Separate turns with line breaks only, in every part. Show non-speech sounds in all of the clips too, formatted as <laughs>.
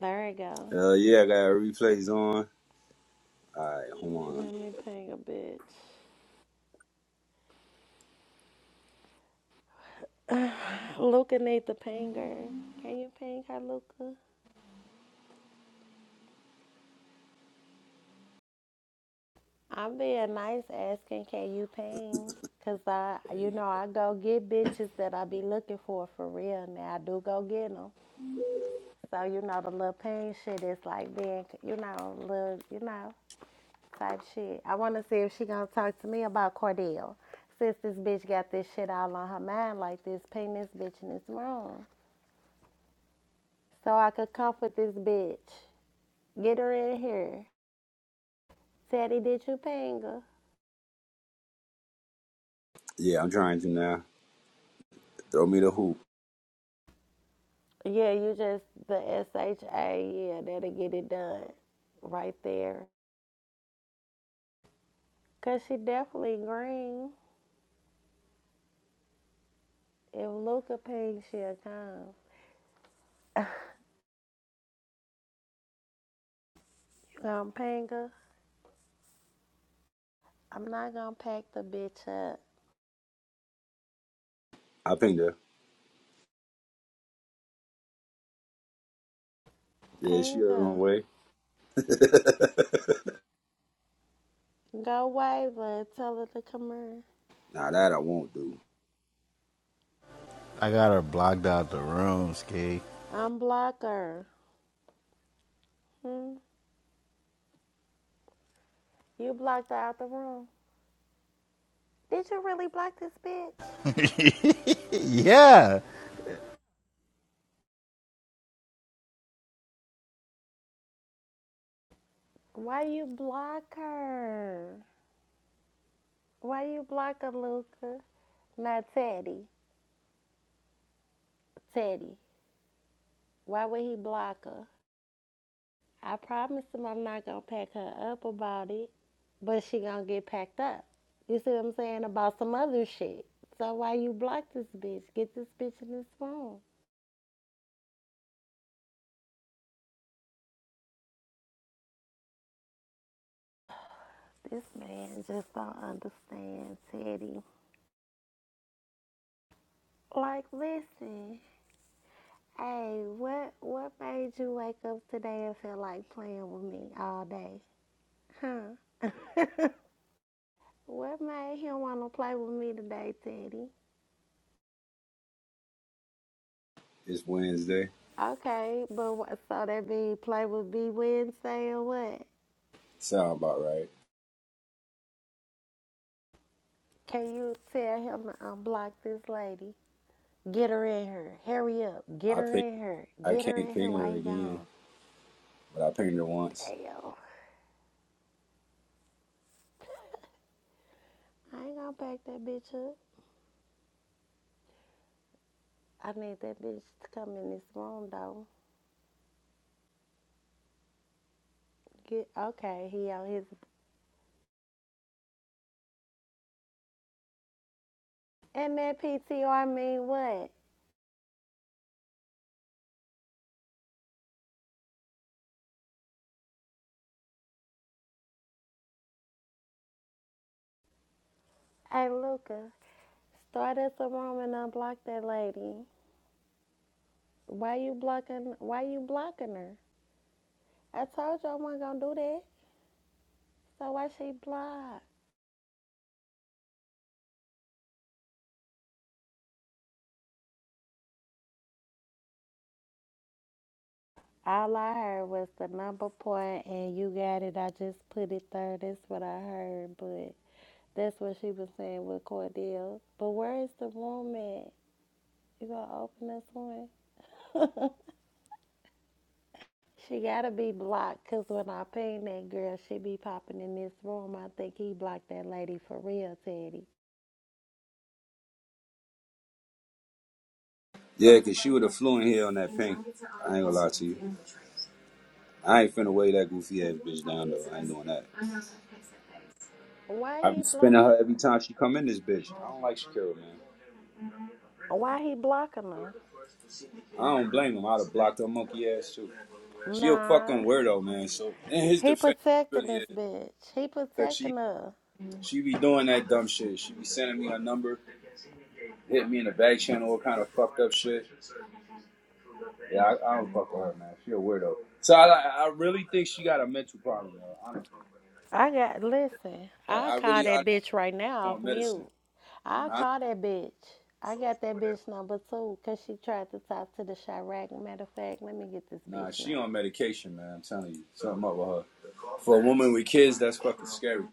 There we go.
Uh, yeah, I got replays on. All right, hold on.
Let me ping a bitch. <sighs> Luca need to ping her. Can you ping her, Luca? I'm being nice asking, can you ping? Because, I, you know, I go get bitches that I be looking for for real now. I do go get them. So, you know, the little ping shit is like being, you know, little, you know, type shit. I want to see if she going to talk to me about Cordell. Since this bitch got this shit all on her mind like this, ping this bitch in this room. so I could comfort this bitch. Get her in here. Teddy, did you ping her?
Yeah, I'm trying to now. Throw me the hoop.
Yeah, you just the SHA. Yeah, that'll get it done right there. Cause she definitely green. If Luca ping, she'll come. Um, ping her. I'm not gonna pack the bitch up.
I pinged her. Yeah, she
Ping
on the
her.
way. <laughs>
Go wave her. and Tell her to come
Nah, that I won't do.
I got her blocked out the room, Ski.
here. Unblock her. Hmm? You blocked her out the room. Did you really block this bitch?
<laughs> yeah.
Why you block her? Why you block her, Luca? Not Teddy. Teddy. Why would he block her? I promised him I'm not gonna pack her up about it, but she gonna get packed up. You see what I'm saying about some other shit. So why you block this bitch? Get this bitch in this phone. This man just don't understand Teddy. Like, listen, hey, what what made you wake up today and feel like playing with me all day, huh? <laughs> What made him want to play with me today, Teddy?
It's Wednesday.
Okay, but what, so that be play with B Wednesday or what?
Sound about right.
Can you tell him to unblock this lady? Get her in here. Hurry up. Get
I
her
ping.
in here.
I
Get her
can't
in here
ping her
while he
again,
gone.
but I pinged her once.
Damn. I ain't gonna back that bitch up. I need that bitch to come in this room though. Get okay, he on his and that PTR mean what? Hey Luca, start us a room and unblock that lady. Why you blocking? Why you blocking her? I told you I wasn't gonna do that. So why she block? All I heard was the number point, and you got it. I just put it there. That's what I heard, but that's what she was saying with Cordell. But where is the room at? You gonna open this one? She gotta be blocked, cause when I ping that girl, she be popping in this room. I think he blocked that lady for real, Teddy.
Yeah, 'cause she would have flew in here on that ping. I ain't gonna lie to you. I ain't finna weigh that goofy ass bitch down though. I ain't doing that.
Why
I
he
be spinning
blocking
her every
her?
time she come in this bitch. I don't like Shakira, man.
Why he blocking her?
I don't blame him. I'd have blocked her monkey ass too. She a
Nah.
fucking weirdo, man. So in his
He
defense, she
protecting
really
this
is.
bitch. He
Cause she
protecting her.
she be doing that dumb shit. She be sending me her number, hit me in the back channel, all kind of fucked up shit. Yeah, I, I don't fuck with her, man. She a weirdo. So I I really think she got a mental problem, though, honestly.
I got listen.
Like
I
I
call
really
that
honestly
bitch right now
on
off
medicine,
mute. I
huh?
call that bitch. I got that bitch number two because she tried to talk to the Chirac. Matter of fact, let me get this
Nah,
bitch
she on
number.
medication, man. I'm telling you, something up with her. For a woman with kids, that's fucking scary.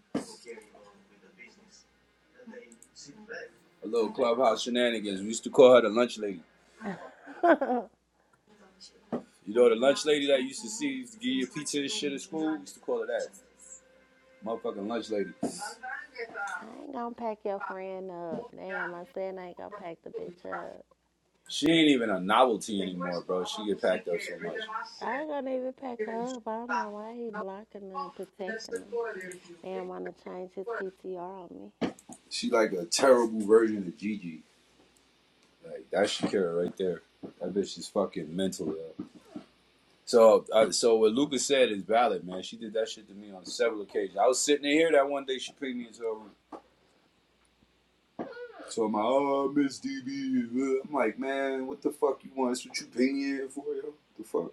A little clubhouse shenanigans. We used to call her the lunch lady.
<laughs>
You know the lunch lady that you used to see used to give you pizza and shit at school? We used to call her that. Motherfucking lunch lady.
I ain't gonna pack your friend up. Damn, I said I ain't gonna pack the bitch up.
She ain't even a novelty anymore, bro. She get packed up so much.
I ain't gonna even pack her up. I don't know why he blocking her and protecting her. Damn, wanna change his PTR on me.
She like a terrible version of Gigi. Like that Shakira right there. That bitch is fucking mental. Yo. So, uh, so what Lucas said is valid, man. She did that shit to me on several occasions. I was sitting in here that one day she picked me into her room. So I'm like, oh, Miss DB. I'm like, man, what the fuck you want? That's what you paying here for, yo? The fuck,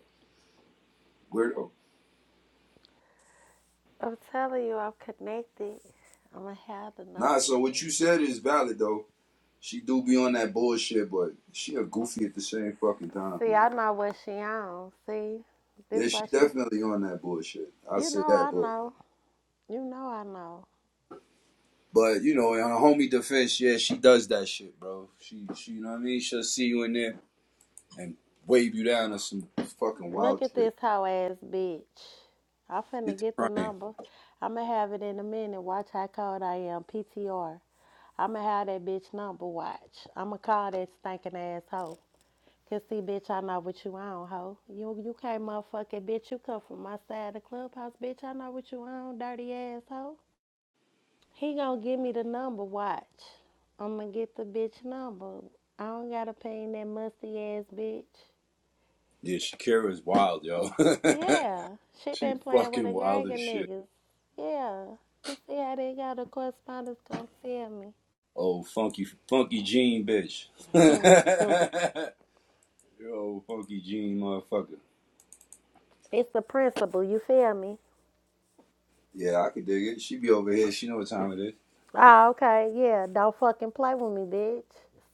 weirdo.
I'm telling you, I'm connected. I'm gonna have the
Nah,
number
so
in a
what
minute.
you said is valid though. She do be on that bullshit, but she a goofy at the same fucking time,
See,
man.
I know what she on. See, this
Yeah, she
why she.
definitely on that bullshit. I'll
You
say
know
that,
I
but
know. You know I know.
but you know, in her homie defense, yeah, she does that shit, bro. She she you know what I mean? She'll see you in there and wave you down or some fucking
Look
wild
at
shit.
this hoe ass bitch. I'm finna
Get to
get the
crying.
number. I'ma have it in a minute. Watch how cold I am. PTR. I'ma have that bitch number. Watch. I'ma call that stinking ass hoe. Cause see, bitch, I know what you on, hoe. You you can't motherfucking bitch. You come from my side of the clubhouse, bitch. I know what you on, dirty ass hoe. He gonna give me the number. Watch, I'm gonna get the bitch number. I don't gotta pay that musty ass bitch.
Yeah, Shakira is wild, yo.
Yeah,
<laughs>
she
She's
been playing with
fucking
a
wild
gang
as
of
shit.
niggas. Yeah, you see how they got the correspondence gonna tell me.
Oh, funky funky Jean bitch. <laughs> Yo, funky Jean motherfucker.
It's the principle. You feel me?
Yeah, I could dig it. She be over here. She know what time it is.
Oh, okay. Yeah, don't fucking play with me, bitch.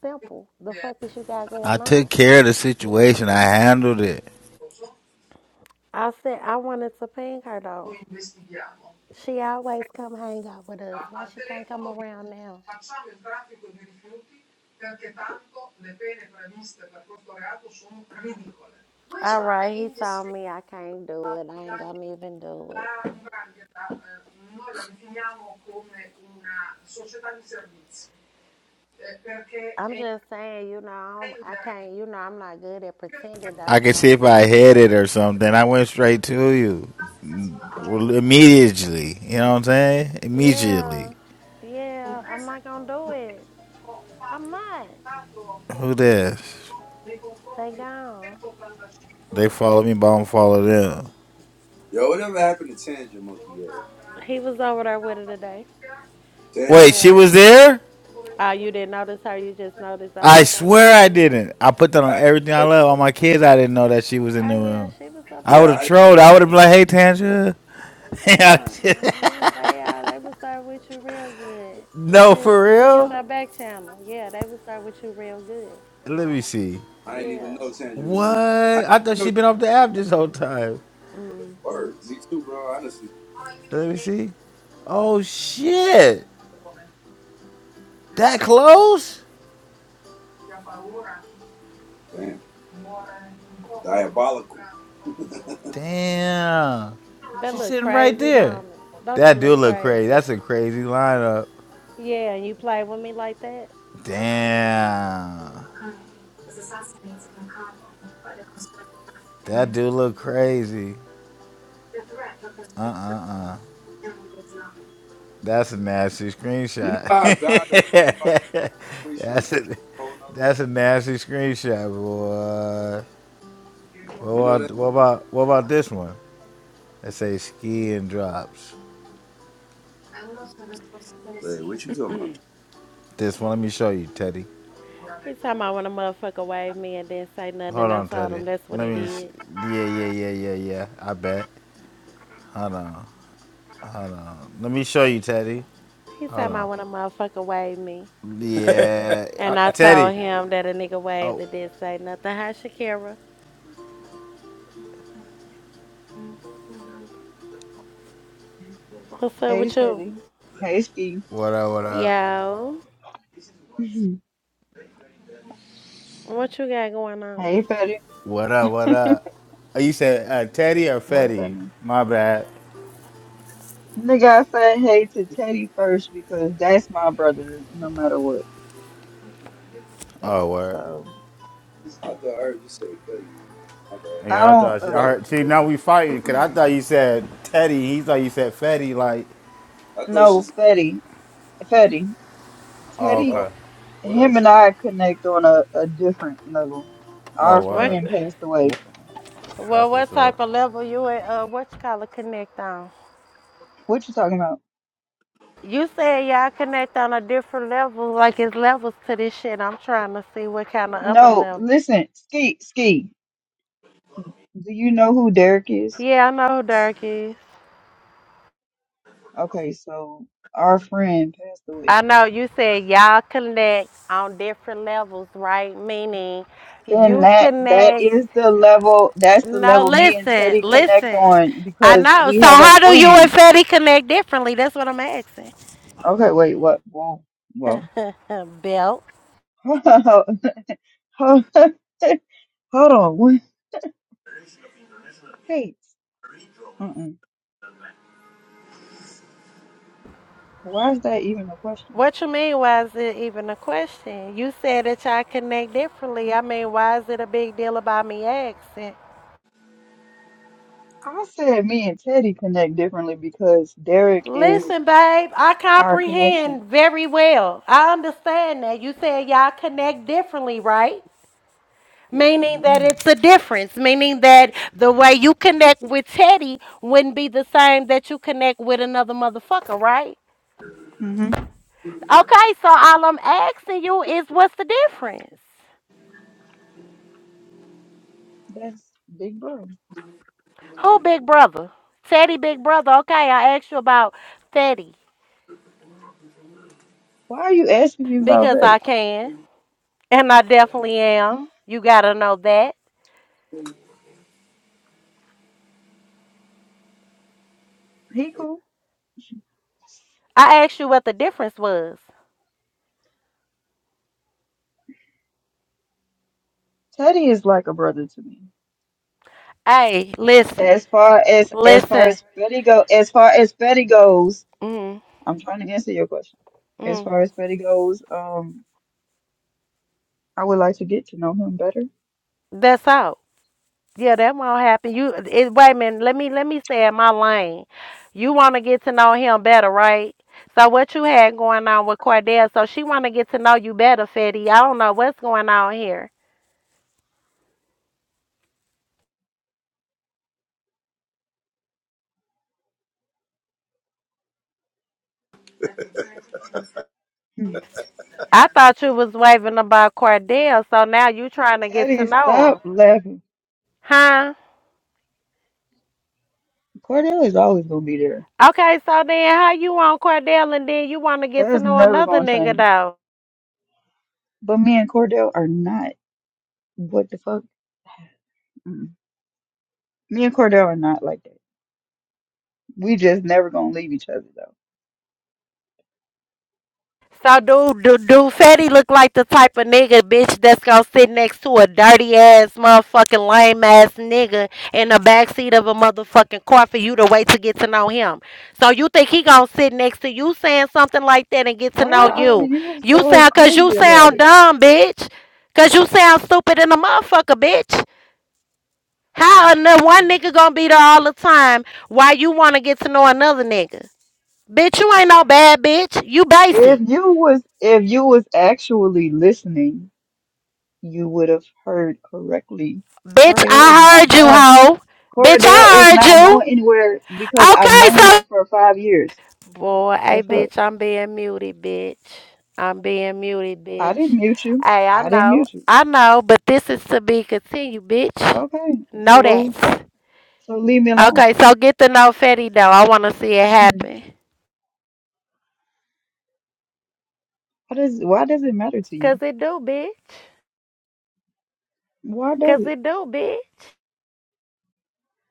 Simple. The fuck is you got
I
going
took
on?
care of the situation. I handled it.
I said I wanted to ping her though. She always come hang out with us. Why she can't come around now? All right, he saw me. I can't do it. I ain't gonna even do it. I'm just saying, you know, I'm- I can't. You know, I'm not good at pretending
I
though.
could see
So
if I had it or something. I went straight to you. Immediately. You know what I'm saying? Immediately.
yeah, yeah, I'm not gonna do it. I'm not.
Who this?
They gone.
They follow me, but I don't follow them.
Yo, whatever happened to Tandra Monkey? Yeah.
He was over there with her today.
Wait,
Tandra?
she
Yeah.
was there?
Oh, you didn't notice her. You just noticed
I
only certain
swear I
people.
didn't. I put that on
I,
everything I love. On my kids, I didn't know that she was in
Oh
the
yeah,
room.
she was up
I
there
would
yeah, I
have
with
didn't
you.
know
trolled.
that.
I would have been like, hey, Tanja.
Yeah, yeah, they are. They was there with you real good.
<laughs>
It
no,
said,
for
look at
real?
your back channel. Yeah, they was there with you real good.
Let me see.
I didn't
Yeah.
even know Tandra was
What?
in. I
I
didn't
thought
know the
she'd been off the app this whole time.
Mhm.
word. Me too, bro. Honestly,
Let me see. Oh shit! That close?
damn. Diabolical. <laughs>
Damn.
That
She's
look
sitting right
crazy,
there.
don't it? Don't that
That do
look
look crazy.
crazy?
That's a crazy lineup.
Yeah, and you play with me like that?
Damn. That do look crazy. Uh uh uh. That's a nasty
You know
screenshot.
how God will put you out of
<laughs>
the and
that's
put you
a
in a whole another
that's a nasty screenshot, boy. What
one. You know
about
that?
what about what about this one? They say ski and drops.
Hey, what you talking about?
This one, let me show you, Teddy.
He talking about when a motherfucker waved me and didn't say nothing,
Hold
and I
on,
told
Teddy.
him that's what
Let
he
me. Sh-
did.
yeah, yeah, yeah, yeah, yeah. I bet. Hold on, hold on. Let me show you, Teddy.
He talking
Hold
about
on.
when a motherfucker waved me.
Yeah, uh,
And I
Teddy.
told him that a nigga waved
Oh,
that didn't say nothing. Hi, Shakira. What's up
Hey
with you?
Teddy. Hey Steve.
what up? What up?
Yo,
Mhm.
what you got going on?
Hey Teddy.
What up? What up? Oh, you said uh, Teddy or
What's that
Fetty?
name?
My bad.
Nigga, I said hey to Teddy first because that's my brother no matter what.
Oh, word.
So
I thought I heard you say faith. My bad.
I
Yeah, I
don't
thought she, I
What up?
uh
heard, see now we fighting because I thought you said Teddy. He thought you said Fetty. Like,
I thought she
no
said,
Fetty. Fetty.
oh
Teddy
oh,
okay.
what up?
him and
She,
I connect on a, a different level. Our
Oh
oh,
What?
word.
friend passed
Wha-
away.
Well,
That's what's
what
up.
type of level you at? Uh, what you call a connect on?
What you talking about?
You said y'all connect on a different level, like it's levels to this shit. I'm trying to see what kind of other
No,
level.
listen, Ski, Ski. Do you know who Derek is?
Yeah, I know who Dirk is.
Okay, so our friend passed away.
I know you said y'all connect on different levels, right? Meaning
And
you
that that
connect.
is the level that's the
No,
level me and
listen,
Teddy connect
listen.
on
I
because
know.
we
So
have a
how do you and
friend.
Fetty connect differently? That's what I'm asking.
Okay, wait, what? Whoa, whoa.
Uh, Belt.
<laughs> Hold on, wait. wait. Mm-mm. Why is that even a question?
What you mean? Why is it even a question? You said that y'all connect differently. I mean, why is it a big deal about me asking?
I said me and Teddy connect differently because Derek is
Listen, babe, I
our connection.
comprehend very well. I understand that. You said y'all connect differently, right? Meaning that
Mm-hmm.
it's a difference, meaning that the way you connect with Teddy wouldn't be the same that you connect with another motherfucker, right? Okay, so all I'm asking you is what's the difference?
That's big bro.
Who big brother? Teddy big brother. Okay, I asked you about Teddy
Why are you asking me about
because
Teddy?
I can and I definitely am. You gotta know that.
He cool.
I asked you what the difference was.
Teddy is like a brother to me.
Hey, listen,
As far as as far
listen.
as Betty go, as far as Betty goes,
Mm,
I'm trying to answer your question. As
mm.
far as Betty goes, um, I would like to get to know him better.
That's all. Yeah, that won't happen. You it, wait a minute. Let me let me stay in my lane. You want to get to know him better, right? So what you had going on with Cordell? So she want to get to know you better, Fetty. I don't know what's going on here.
Hmm.
I thought you was waving about Cordell, so now you trying to get
Teddy,
to know
stop
him,
laughing.
huh?
Cordell is always gonna be there.
Okay, so then how you want Cordell and then you want to get
That
to
is
know
never
another
gonna
nigga
change.
though?
But me and Cordell are not. What the fuck? Mm. Me and Cordell are not like that. We just never gonna leave each other though.
So do do do Fetty look like the type of nigga bitch that's gonna sit next to a dirty ass motherfucking lame ass nigga in the backseat of a motherfucking car for you to wait to get to know him. So you think he gonna sit next to you saying something like that and get to
Why
know
are
you?
you
You
so
sound cause you
crazy about
sound
it?
dumb, bitch. Cause you sound stupid in a motherfucker, bitch. How another one nigga gonna be there all the time while you wanna get to know another nigga? Bitch, you ain't no bad bitch. You
If
basic.
you was if you was actually listening. you would have heard correctly.
Bitch,
Cordell is
I
not
heard you,
going.
hoe. Bitch, I
Cordell is
heard
not
you.
going anywhere because I've known him
Okay,
for five years.
so boy,
The
hey,
fuck?
bitch, I'm being muted, bitch. I'm being muted,
I
bitch.
didn't mute you.
Hey, I
I didn't
know,
mute you.
I know, but this is to be continued, bitch.
Okay,
Know
so
that.
so leave me alone.
Okay, so get the no fatty though. I want to see it
Mhm.
happen.
Why does why does it matter to
Cause
you?
it do, bitch.
Why
Cause
does it?
it do, bitch.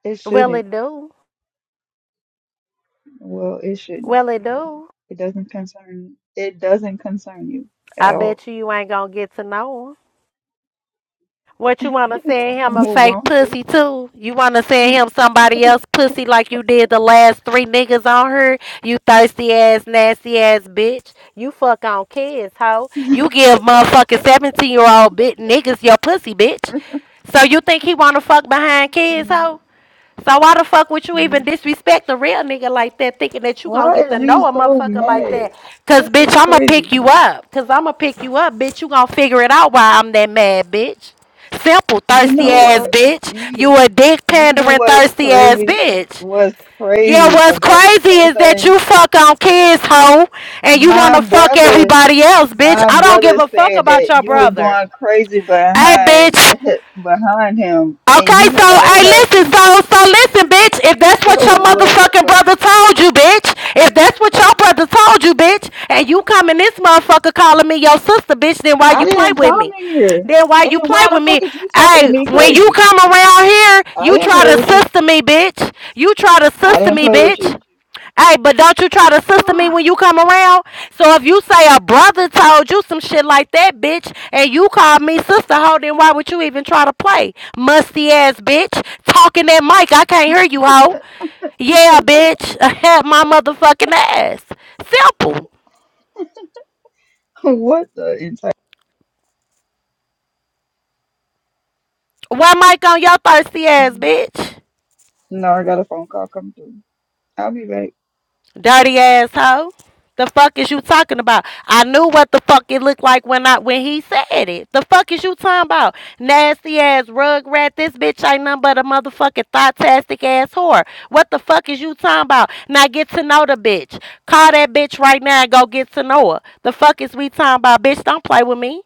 It
Well,
shouldn't.
it do.
Well, it shouldn't.
Well, it do.
It doesn't concern. It doesn't concern you at
I
all.
bet
<laughs>
you you ain't gonna get to know 'em. What you wanna send him a
Well,
fake
won't you?
pussy too? You wanna send him somebody else pussy like you did the last three niggas on her? You thirsty ass, nasty ass bitch. You fuck on kids, hoe.
<laughs>
You give motherfucking seventeen year old bit niggas your pussy, bitch. So you think he wanna fuck behind kids, hoe? So why the fuck would you even
Mhm.
disrespect a real nigga like that, thinking that you gonna
Why
get
is
to
you
know a
so
motherfucker like
mad?
that? Cause
This
bitch,
is
I'ma
crazy.
pick you up. Cause I'ma pick you up, bitch. You gonna figure it out why I'm that mad, bitch. Simple,
You
thirsty
know
ass
what?
bitch.
You
You a dick
you know
pandering
what's
thirsty ass
crazy?
bitch.
What's
Yeah,
crazy
what's
about this
crazy
whole
is that
thing?
you fuck on kids, hoe, and you
My
wanna fuck
brother,
everybody else, bitch.
my
I don't give
brother
a fuck
said
about
that
your
you was
brother.
going crazy
Hey,
behind
bitch.
<laughs> behind him, and
Okay,
you
so
have a
hey,
whole
listen,
husband.
so so listen, bitch. If that's what
So
your
what the
motherfucking
fuck?
brother told you, bitch. If that's what your brother told you, bitch, and you coming this motherfucker calling me your sister, bitch, then why
I
you play
didn't
with
come
me?
in here,
Then why
and
you play
why the
with me?
fuck is you talking to
Hey,
me
when you
crazy?
come around here,
I
you
didn't play
try to
with you.
sister me, bitch. You try to
I
sister
didn't
me,
play with
bitch.
you.
Hey, but don't you try to sister me when
<sighs>
you come around. So if you say a brother told you some shit like that, bitch, and you call me sister, ho, then why would you even try to play? Musty ass bitch. Talking that mic. I can't hear you, ho. Yeah, bitch. <laughs> Have my motherfucking ass. Simple.
what the entire?
One mic on your thirsty ass,
No,
bitch.
I got a phone call coming through. I'll be back.
Dirty asshole. The fuck is you talking about? I knew what the fuck it looked like when I when he said it. The fuck is you talking about? Nasty ass rug rat. This bitch ain't nothing but a motherfucking thotastic ass whore. What the fuck is you talking about? Now get to know the bitch. Call that bitch right now and go get to know her. The fuck is we talking about? Bitch, don't play with me.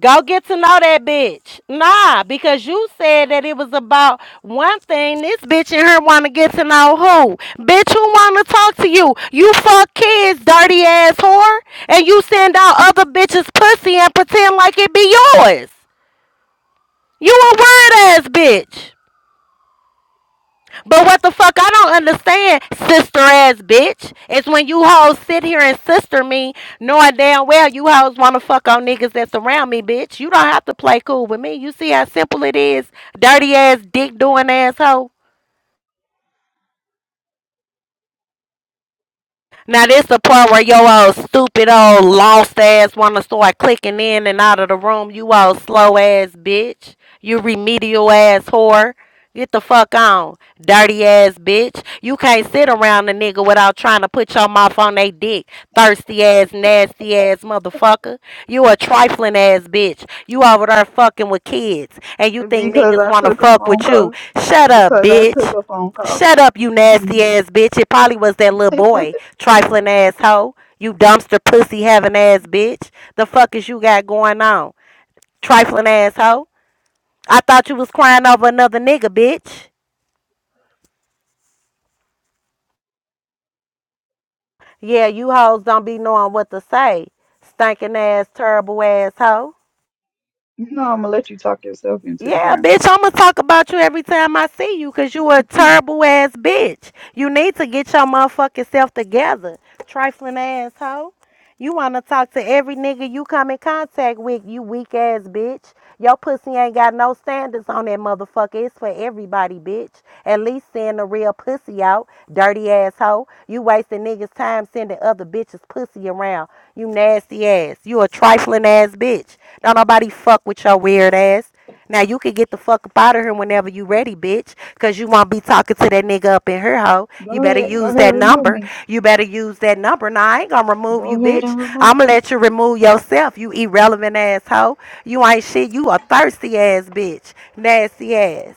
Go get to know that bitch. Nah, because you said that it was about one thing. This bitch and her want to get to know who. Bitch, who want to talk to you? You fuck kids, dirty ass whore. And you send out other bitches' pussy and pretend like it be yours. You a weird ass bitch. But what the fuck I don't understand, sister ass bitch, is when you hoes sit here and sister me, knowing damn well you hoes wanna fuck on niggas that's around me, bitch. You don't have to play cool with me. You see how simple it is, dirty ass dick doing asshole. Now this the part where your old stupid old lost ass wanna start clicking in and out of the room. You old slow ass bitch. You remedial ass whore. Get the fuck on, dirty ass bitch. You can't sit around a nigga without trying to put your mouth on they dick. Thirsty ass, nasty ass motherfucker. You a trifling ass bitch. You over there fucking with kids and you think
Because
niggas
I
wanna
took a
fuck
phone
with you.
call.
Shut up,
Because I took
bitch.
a phone call.
Shut up, you nasty
Mhm.
ass bitch. It probably was that little boy, trifling asshole. You dumpster pussy having ass bitch. The fuck is you got going on? Trifling asshole. I thought you was crying over another nigga, bitch. Yeah, you hoes don't be knowing what to say. Stinking ass, terrible asshole.
you know I'm gonna let you talk yourself into the
Yeah,
ground.
bitch, I'm gonna talk about you every time I see you because you a
Mhm.
terrible ass bitch. You need to get your motherfucking self together, trifling asshole. You wanna talk to every nigga you come in contact with, you weak ass bitch. Your pussy ain't got no standards on that motherfucker. It's for everybody, bitch. At least send the real pussy out, dirty asshole. You wasting niggas' time sending other bitches pussy around. You nasty ass. You a trifling ass bitch. Don't nobody fuck with your weird ass. Now you can get the fuck up out of here whenever you ready, bitch. Cause you won't be talking to that nigga up in her hoe. You
go
better
ahead. Go
use
ahead.
that
Remove
number.
me.
You better use that number. Now I ain't gonna remove you,
Go ahead
bitch.
and remove
I'ma
me.
let you remove yourself. You irrelevant ass hoe. You ain't shit. You a thirsty ass bitch. Nasty ass.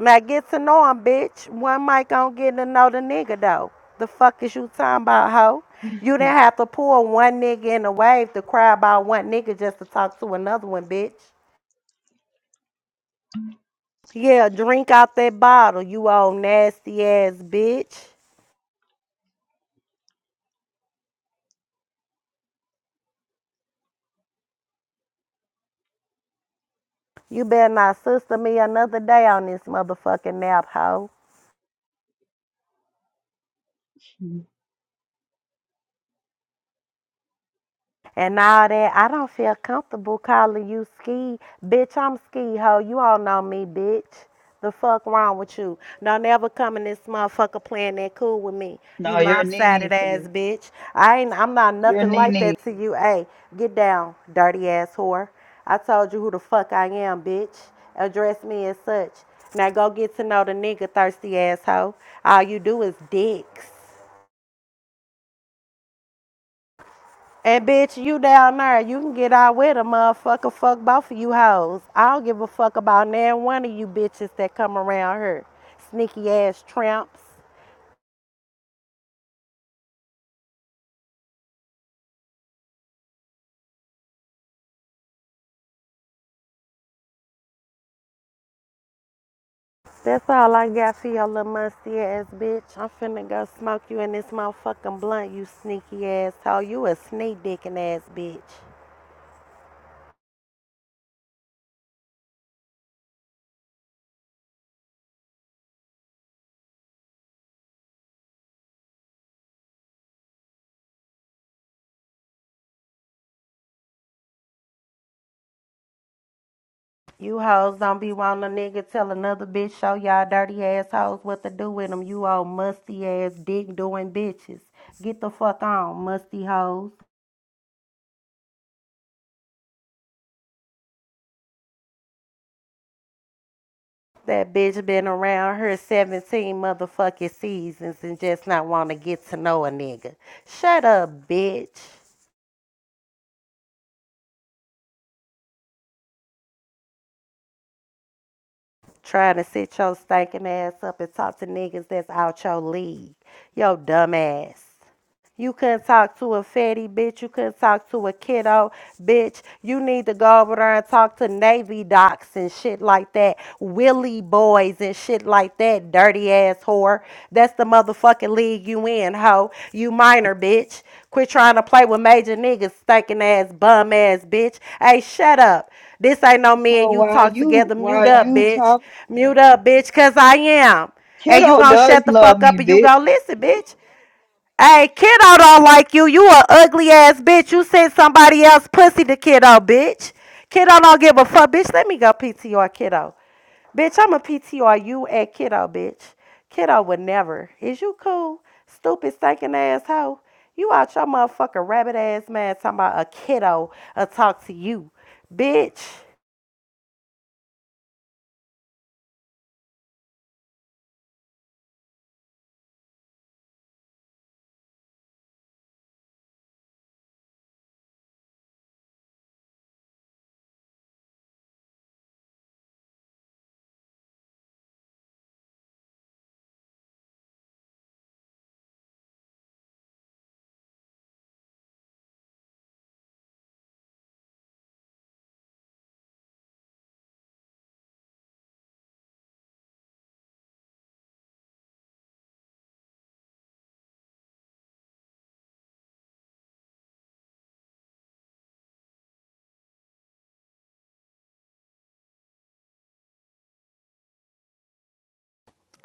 Now get to know him, bitch. One mic on getting to know the nigga though. The fuck is you talking about, hoe? You didn't have to pull one nigga in the wave to cry about one nigga just to talk to another one, bitch. Yeah, drink out that bottle, you old nasty ass bitch. You better not sister me another day on this motherfucking nap, hoe.
Mhm.
And all that, I don't feel comfortable calling you ski. Bitch, I'm ski ho. You all know me, bitch. The fuck wrong with you? Don't ever come in this motherfucker playing that cool with me.
no,
You
you're a nene
lopsided
to me.
ass bitch. I ain't I'm not
You're a
nothing like
nene.
that to you. Hey, get down, dirty ass whore. I told you who the fuck I am, bitch. Address me as such. Now go get to know the nigga thirsty asshole. All you do is dicks. And bitch, you down there, you can get out with a motherfucker. Fuck both of you hoes. I don't give a fuck about none one of you bitches that come around here. Sneaky ass tramps. That's all I got for your little musty ass bitch. I'm finna go smoke you in this motherfucking blunt, you sneaky ass hoe. You a sneak dickin' ass bitch. You hoes don't be wanting a nigga tell another bitch show y'all dirty ass hoes what to do with them. You old musty ass dick doing bitches. Get the fuck on, musty hoes. That bitch been around her 17 motherfucking seasons and just not want to get to know a nigga. Shut up, bitch. Trying to sit your stinking ass up and talk to niggas that's out your league. Yo, dumb ass. You couldn't talk to a fatty bitch. You couldn't talk to a kiddo bitch. You need to go over there and talk to Navy docs and shit like that. Willy boys and shit like that. Dirty ass whore. That's the motherfucking league you in, hoe. You minor bitch. Quit trying to play with major niggas, stinking ass, bum ass bitch. Hey, shut up. This ain't no me and
So
you
while
talk
you
together. Mute
while
up,
you
bitch.
talk,
Mute up, bitch, cause I am. And you
kiddo
gonna shut
does
the
love
fuck up and you
me,
gonna listen, bitch. Hey, kiddo don't like you. You a ugly ass bitch. You sent somebody else pussy to kiddo, bitch. Kiddo don't give a fuck, bitch. Let me go PTR kiddo. Bitch, I'm a PTR you at kiddo, bitch. Kiddo would never. Is you cool? Stupid stinking ass hoe. You out your motherfucking rabbit ass man talking about a kiddo a talk to you. Bitch.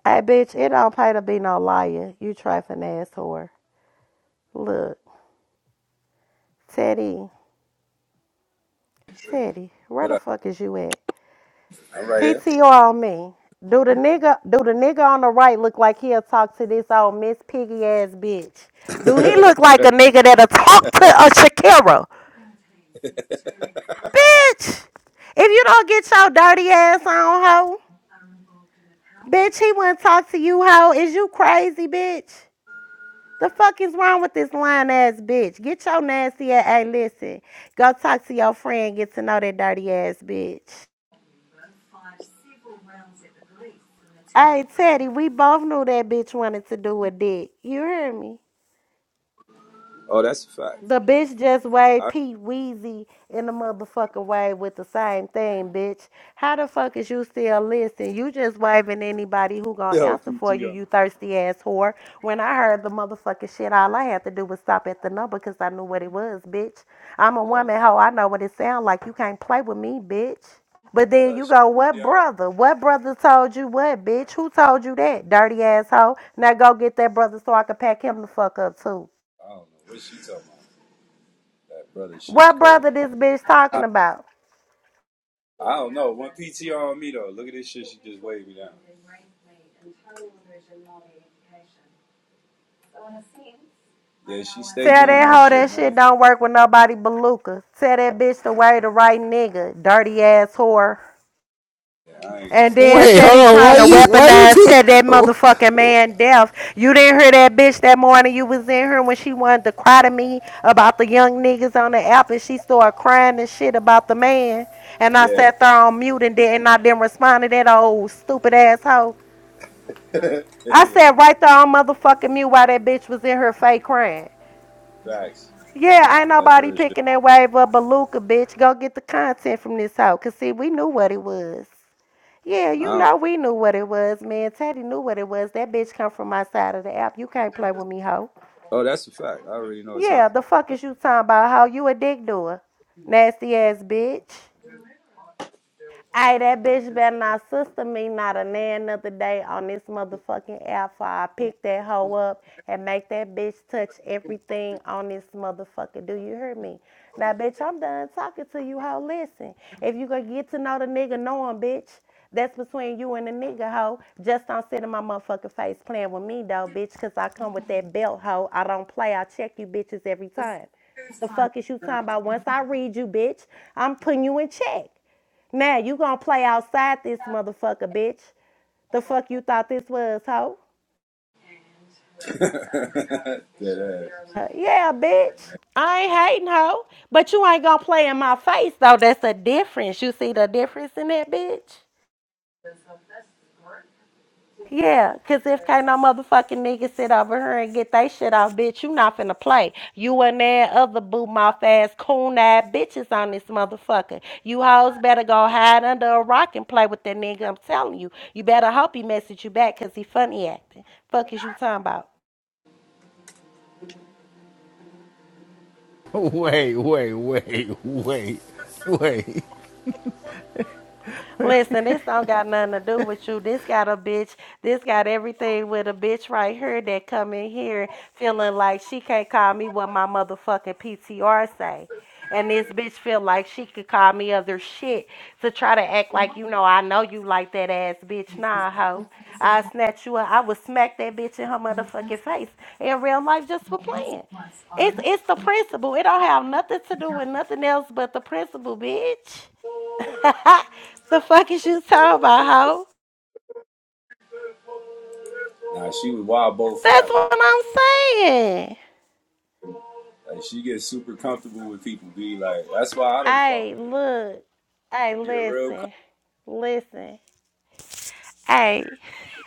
Hey bitch, it don't pay to be no liar. You trifling ass whore. Look. Teddy. Teddy, where
what
the
up?
fuck is you at?
I'm right here.
PTR on me. Do the nigga do the nigga on the right look like he'll talk to this old Miss Piggy ass bitch? Do he
<laughs>
look like a nigga that'll talk to a Shakira? Bitch! If you don't get your dirty ass on hoe, bitch, he wouldn't talk to you, hoe. Is you crazy, bitch? The fuck is wrong with this lying ass bitch? Get your nasty ass. Hey, listen. Go talk to your friend, get to know that dirty ass bitch. Hey, Teddy, we both knew that bitch wanted to do a dick. You hear me?
oh, that's a fact.
The bitch just waved
I
Pete Weezy in the motherfucking way with the same thing, bitch. How the fuck is you still listening? You just waving anybody who gonna
yo
answer for you,
PTR.
you thirsty ass whore. When I heard the motherfucking shit, all I had to do was stop at the number because I knew what it was, bitch. I'm a
Look,
woman, hoe. I know what it sound like. You can't play with me, bitch. But then
look,
you
she-
go, what
PTR.
brother? What brother told you what, bitch? Who told you that, dirty asshole? Now go get that brother so I can pack him the fuck up too.
don't know what she talking about. That brother shit is
What
crazy.
brother this bitch talking
I,
about?
I don't know. One PTR on me though. Look at this shit. She just waved me down. Yeah, she stay
Tell
doing
that
that
hoe
shit,
that shit
man.
don't work with nobody but Luca. Tell that bitch to wear the right nigga, dirty ass whore.
Yeah, I ain't
And
going in that.
then
Wait,
said
hold
he
on. Why
trying to
you? Why you
weaponize,
do?
said that
<laughs>
motherfucking man deaf. You didn't hear that bitch that morning you was in here when she wanted to cry to me about the young niggas on the app and she started crying and shit about the man. And I
Yeah.
sat there on mute and didn't I didn't respond to that old stupid asshole.
<laughs>
I
yeah.
sat right there on motherfucking mute while that bitch was in her fake crying.
Facts.
Yeah, ain't
That's
nobody
real shit.
picking that wave up, Beluga, bitch. Go get the content from this hoe. Cause see, we knew what it was. Yeah, you
I don't,
know we knew what it was, man. Teddy knew what it was. That bitch come from my side of the app. You can't play with me, hoe.
oh, that's a fact. I already know what time.
Yeah, the fuck
<laughs>
is you talking about, hoe? You a dick doer. Nasty ass bitch. Hey, that bitch better not sister me not a nan another day on this motherfucking alpha. I pick that hoe up and make that bitch touch everything on this motherfucker. Do you hear me? Now, bitch, I'm done talking to you, hoe. Listen, if you gonna get to know the nigga, know him, bitch. That's between you and the nigga, hoe. Just don't sit in my motherfucking face playing with me, though, bitch, because I come with that belt, hoe. I don't play. I check you bitches every time. The fuck is you talking about? Once I read you, bitch, I'm putting you in check. Now you gonna play outside this motherfucker, bitch. The fuck you thought this was, hoe?
Dead ass.
Uh, yeah, bitch. I ain't hating, hoe. But you ain't gonna play in my face, though. That's a difference. You see the difference in that, bitch? Yeah, cause if can't no motherfucking nigga sit over here and get they shit off, bitch, you not finna play. You and that other boot mouth ass coon eyed bitches on this motherfucker. You hoes better go hide under a rock and play with that nigga. I'm telling you, you better hope he message you back, cause he funny acting. Fuck is you talking about?
Oh, Wait, wait, wait, wait, wait.
Listen, this don't got nothing to do with you. This got a bitch. This got everything with a bitch right here that come in here feeling like she can't call me what my motherfucking PTR say. And this bitch feel like she could call me other shit to try to act like you know I know you like that ass bitch. Nah, hoe. I snatch you up. I would smack that bitch in her motherfucking face in real life just for playing. It's it's the principle. It don't have nothing to do with nothing else but the principle, bitch. <laughs> the fuck is you talking about, hoe?
Nah, she was wild bold for
That's
that one.
what I'm saying.
Like she gets super comfortable with people. Be like, that's why I don't fuck
Hey,
with her.
look. Hey,
She a real <laughs> com-
listen. Listen. Hey. <laughs>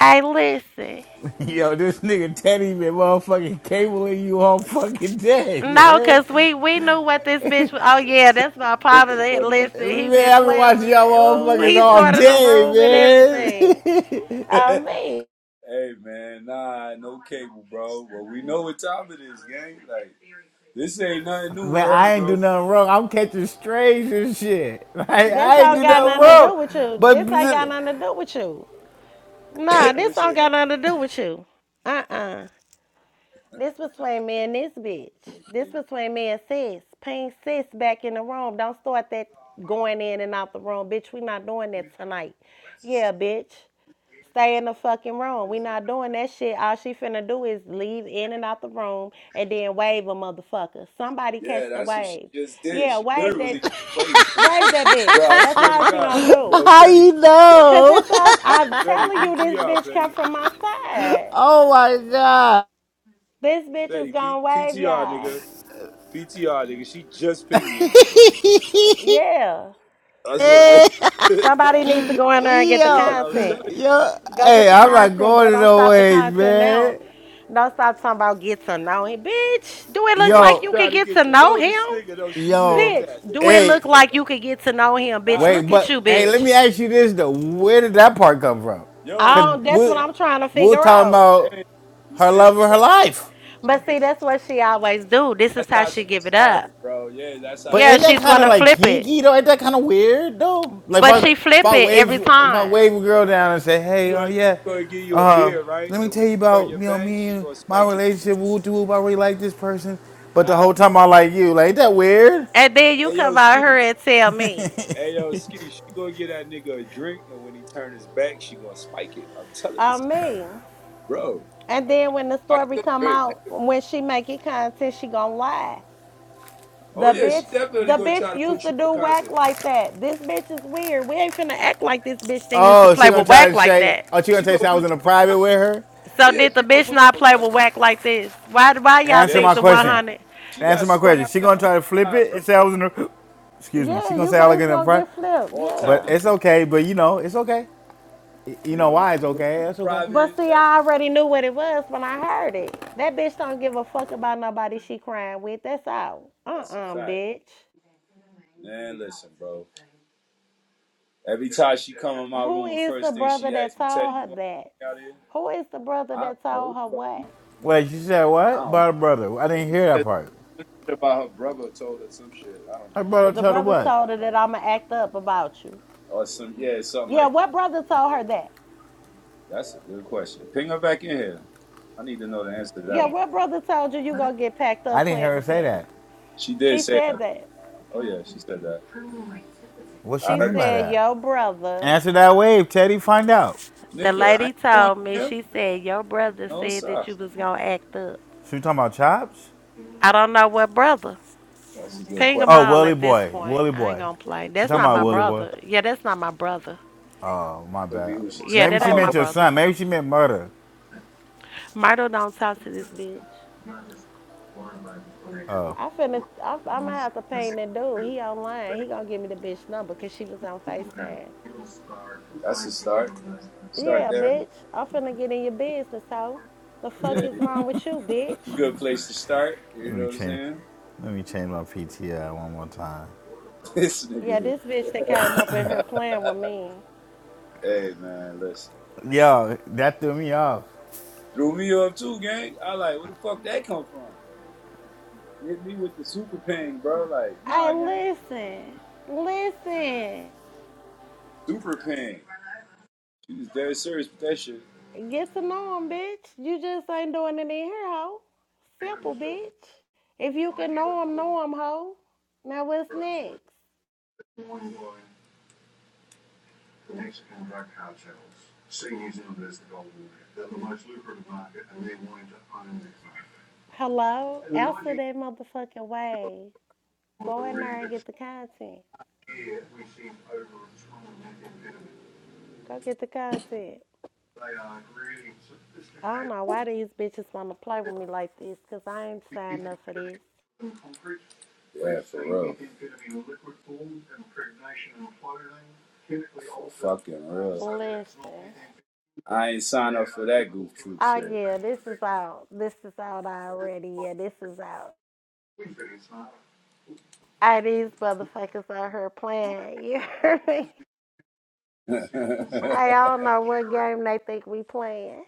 hey, listen.
Yo, this nigga Teddy been motherfucking cabling you all fucking day,
No,
man.
cause we we knew what this bitch was. Oh yeah, that's my
nigga,
problem.
funny as
Listen,
shit.
he
Man,
been
I've been
playing
watching
with it.
y'all
Oh,
motherfuckers
he
all
started a room and
Yo.
day,
everything.
man.
<laughs>
I
hey
mean,
man, nah, no cable, bro. But we know what time it is, gang. Like, this ain't nothing new
<laughs> man,
with her,
I ain't do
bro.
nothing wrong. I'm catching strays and shit. <laughs> Like,
this
I ain't do
don't got
nothing
nothing to
wrong.
do with you.
But
This ain't got nothing to do with you.
<coughs>
Nah, this
this
don't
ain't nothing.
got nothing to do with you. Uh uh This between me and this bitch. This between me and sis. Ping sis back in the room. Don't start that going in and out the room. Bitch, we not doing that tonight. Yeah, bitch. Stay in the fucking room. We not doing that shit. All she finna do is leave in and out the room and then wave a motherfucker. Somebody catch
Yeah,
the
that's what she
wave.
just did.
Yeah,
She
wave
literally
that
just played me,
wave that bitch.
bro. I
That's
swear to
all she
God,
gonna
<laughs>
yo,
do.
how
Fetty
you
PTR,
Cause
know? <laughs>
that's all I'm
Fetty
telling you this
PTR,
bitch come
Fetty,
from my side.
Oh my
This bitch is
Fetty P-
gonna wave
PTR,
y'all.
nigga, PTR, nigga. She just pinged me in there, bro.
god.
Yeah.
That's
<laughs>
what. <laughs>
Somebody needs to go in there and get the
nigga,
Yo,
I'm
content.
telling you.
yo,
Go
Hey,
get
hey,
the
I'm not
content.
going
Yeah,
to
don't
no
stop the
ways,
content now.
man.
Don't stop talking about get to know him. Bitch, do it look
yeah, she
like
Yo,
you
tried
could
to
get
get
to
to
know
know
him?
this nigga though. She
yo,
said
Bitch,
that, nigga.
do it
She
hey,
look
said
like
that.
you could get to know him? Bitch,
Nah,
wait,
look
nigga
at
but
you,
hey,
said,
let
bitch.
me ask you this though: Where did that part come from?
yo,
Cause
Oh, that's
we
she's
what
we
hey,
I'm trying to
we're
figure
talking
out.
about
hey. she
her
said
love of her life.
she
But
did.
see, that's what she always do. This is
That's
how
how
she
she
give it up.
started, bro. Yeah, that's how
But
Yeah,
she.
ain't that
she's
kind of
gonna
like
flip it.
kinky though? Ain't that kind of weird though? Like if
But
I
Nah, she
she
if
flip
get
I
it
you
wave
every
if
comfortable,
I
time.
wave
nigga.
a girl down and say,
You
hey, oh uh,
gonna, she
yeah,
gonna give you a
uh,
beer, right?
let me
And when
tell you
you turn
about you
your
know
back,
me
she
and
gonna
my
spike it.
relationship. Woo doo, woo, I really like this person, but the
Nah,
whole time I like you. Like ain't that weird?
And then you
hey
come
yo,
out
ski.
here and tell me.
Hey yo, ski. She gonna get that nigga a drink, and when he turn his back, she gonna spike it. I'm telling this,
I'm me.
bro.
And then when the
Spike
story
your
come
drink,
out, when she make it content, she gonna lie.
Oh
The
yeah,
bitch,
she definitely
the
gonna
bitch
try to
used
put
to
you on
do whack
content.
like that. This bitch is weird. We ain't finna act like this bitch didn't used to
Oh, she
play
gonna
with
try
whack
to
like
say,
that.
oh, she gonna
She
tell you
gonna
I was
put
in a
you.
private with her.
So
Oh yeah,
did the
she gonna
bitch
put
not
you on
play
content.
with whack like this? Why why y'all
Answer
Yeah,
think
my
the
she
one
played.
question.
hundred?
She got
Answer my
spun
question.
out
She
that
gonna try to flip
time,
it
bro.
and say I was in a <gasps> excuse me. She
Yeah,
gonna
you
say I was
guys
in a
gonna
private,
get flipped.
All type
but
of
Yeah.
it's
shit,
okay. But you know, it's okay. Y- You
nigga.
know
Luke
why it's
was in
okay? It's okay.
But
private.
see,
That
I already knew what it was when I heard it. That bitch don't give a fuck about nobody she crying with. That's out. Uh
that's a
uh
fact,
bitch.
man. Listen, bro. Every time she come in my
Who
room,
is the
first thing
brother
she
that
asks me,
told
Teddy, you
her
gonna
that?
be out here?
Who is the brother
I don't
that
know who
told
the
her
fuck she
what?
talking
Wait, you said
about.
what?
I don't know.
About her brother. I didn't hear
She
that
said
part.
something About her brother told her some shit. I don't know
Her
what the fuck.
brother
The
She,
told her
brother
what?
told her that I'ma act up about you.
or some yeah, something
Yeah,
like
what brother told her that?
that. That's a good question. Ping her back in here. I need to know the answer to that
Yeah,
one.
what brother told you you gonna get packed
I
up
didn't
playing
hear her
with
say
Fatty?
that.
She did
She
say that.
said that.
Oh yeah, she said that.
What she
I
She
mean
heard her
by
say,
said
that?
your brother.
Answer that wave, Teddy. Find out.
The
"Nigga, I
lady
ain't going
told me.
there."
She said your brother
No,
said that
sir.
you was gonna act up.
She was talking about chops?
I don't know what brother.
That's a good
Ping
question.
'em
Oh,
all
Willie
at this
boy.
point.
Willie
I ain't
boy.
gonna play.
She
That's
talking
Could
not
about
be
my
Willie
what it
boy.
brother. Yeah, that's not my brother.
Oh, my
could be
bad.
who she
Yeah,
told.
Maybe
that
I
she
ain't
don't
my
meant
know.
your
brother.
son. Maybe she meant murder.
Myrtle don't talk to this bitch.
Oh,
I finna, I, I might have to pay that dude. He online. He gonna give me the bitch number because she was on FaceTime.
That's a start. Start
Yeah,
there.
bitch. I finna get in your business, hoe. The fuck
Yeah,
is
it's
wrong with you,
a
bitch?
good place to start.
let
You know
me
what I'm
change.
saying?
Let me change my PTI one more time.
<laughs> this nigga
Yeah,
here.
this bitch that came up in her playing with me.
Hey man, listen.
Yo, that threw me off.
Threw me up too, gang. I like, where the fuck that come from? Hit me with the super pain, bro. Like, nah,
Hey,
gang.
listen. Listen.
Super pain. She was dead serious with that shit.
Get to know him, bitch. You just ain't doing it in here, hoe. Simple, bitch. If you can know him, know him, hoe. Now what's next? Hello? Answer that motherfucking way. Go in there and get the content. Go get the content. I don't know why these bitches want to play with me like this, because I ain't signed up for this.
Yeah, for real. For fucking real.
Listen.
I ain't sign up for that goof troop
Oh,
shit.
yeah, this is out. This is out already. Yeah, this is out. Hey, these motherfuckers out here playing. <laughs> You hear me?
<laughs>
Hey, I don't know what game they think we playing.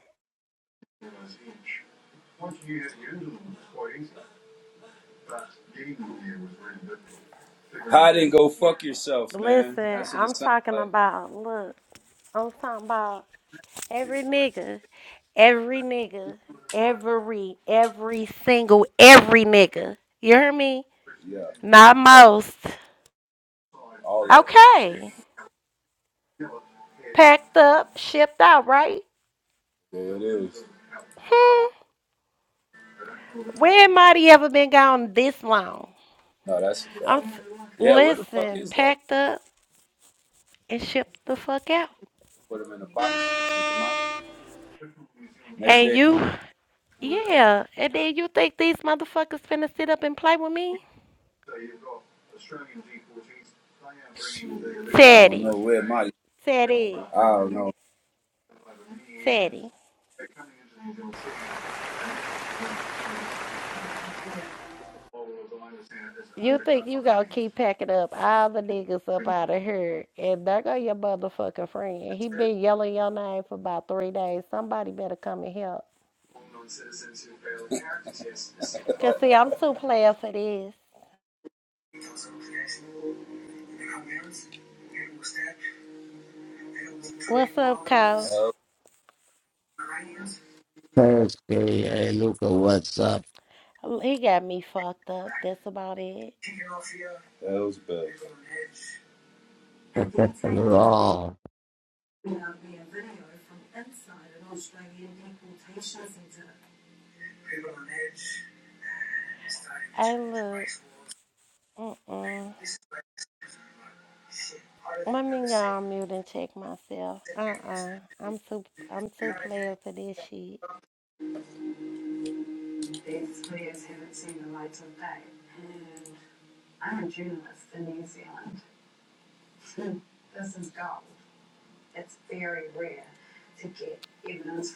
Hide and go fuck yourself, man.
Listen,
That's what
I'm
it sounds
talking
like.
about, look, I'm talking about Every nigga, every nigga, every, every single, every nigga. You hear me?
Yeah.
Not
Type
most.
all of them.
Okay. Packed up, shipped out, right?
There it is.
Hmm. Where mighty ever been gone this long?
No, that's a
I'm
fact.
s-
Yeah, where the fuck
listen,
is that?
packed up and shipped the fuck out.
Put them in a box, sent them out. Next
And
day,
you, yeah. And then you think these motherfuckers finna sit up and play with me?
I don't
Teddy,
know where my, I
Teddy,
don't know.
Teddy. You think you gonna keep packing up all the niggas up out of here and there go your motherfucking friend. He been yelling your name for about three days. Somebody better come and help. Cause see, I'm too player for this. What's up, Cole?
Hell,
Thursday. Hey, Luca, what's up?
He got me fucked up. That's about it.
hell's bad.
<laughs> Raw.
Hey, look. Mm, let me go on mute and check myself. Uh-uh. I'm too. I'm too player for this shit.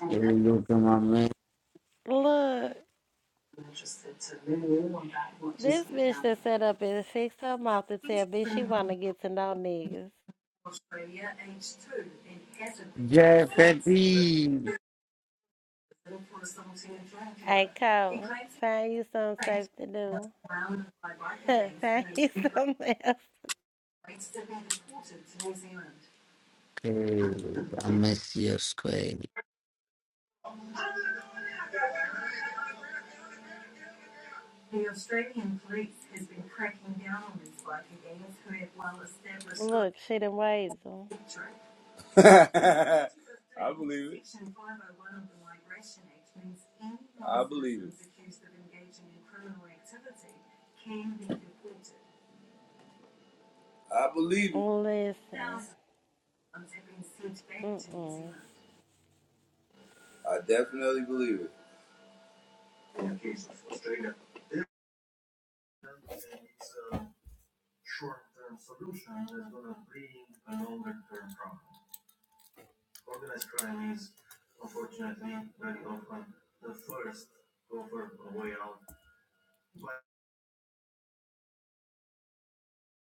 Hey, Luca, my man.
Look. This bitch that set up and fixed her mouth to tell me she wanna get to know niggas.
Jeff, Hey,
Hey, Cole, find you something safe to do. <laughs> find you something else.
I miss you, Square.
Look, she done waved them.
<laughs> I believe it. I believe it. I believe it.
Listen. Mm-mm.
I definitely believe it.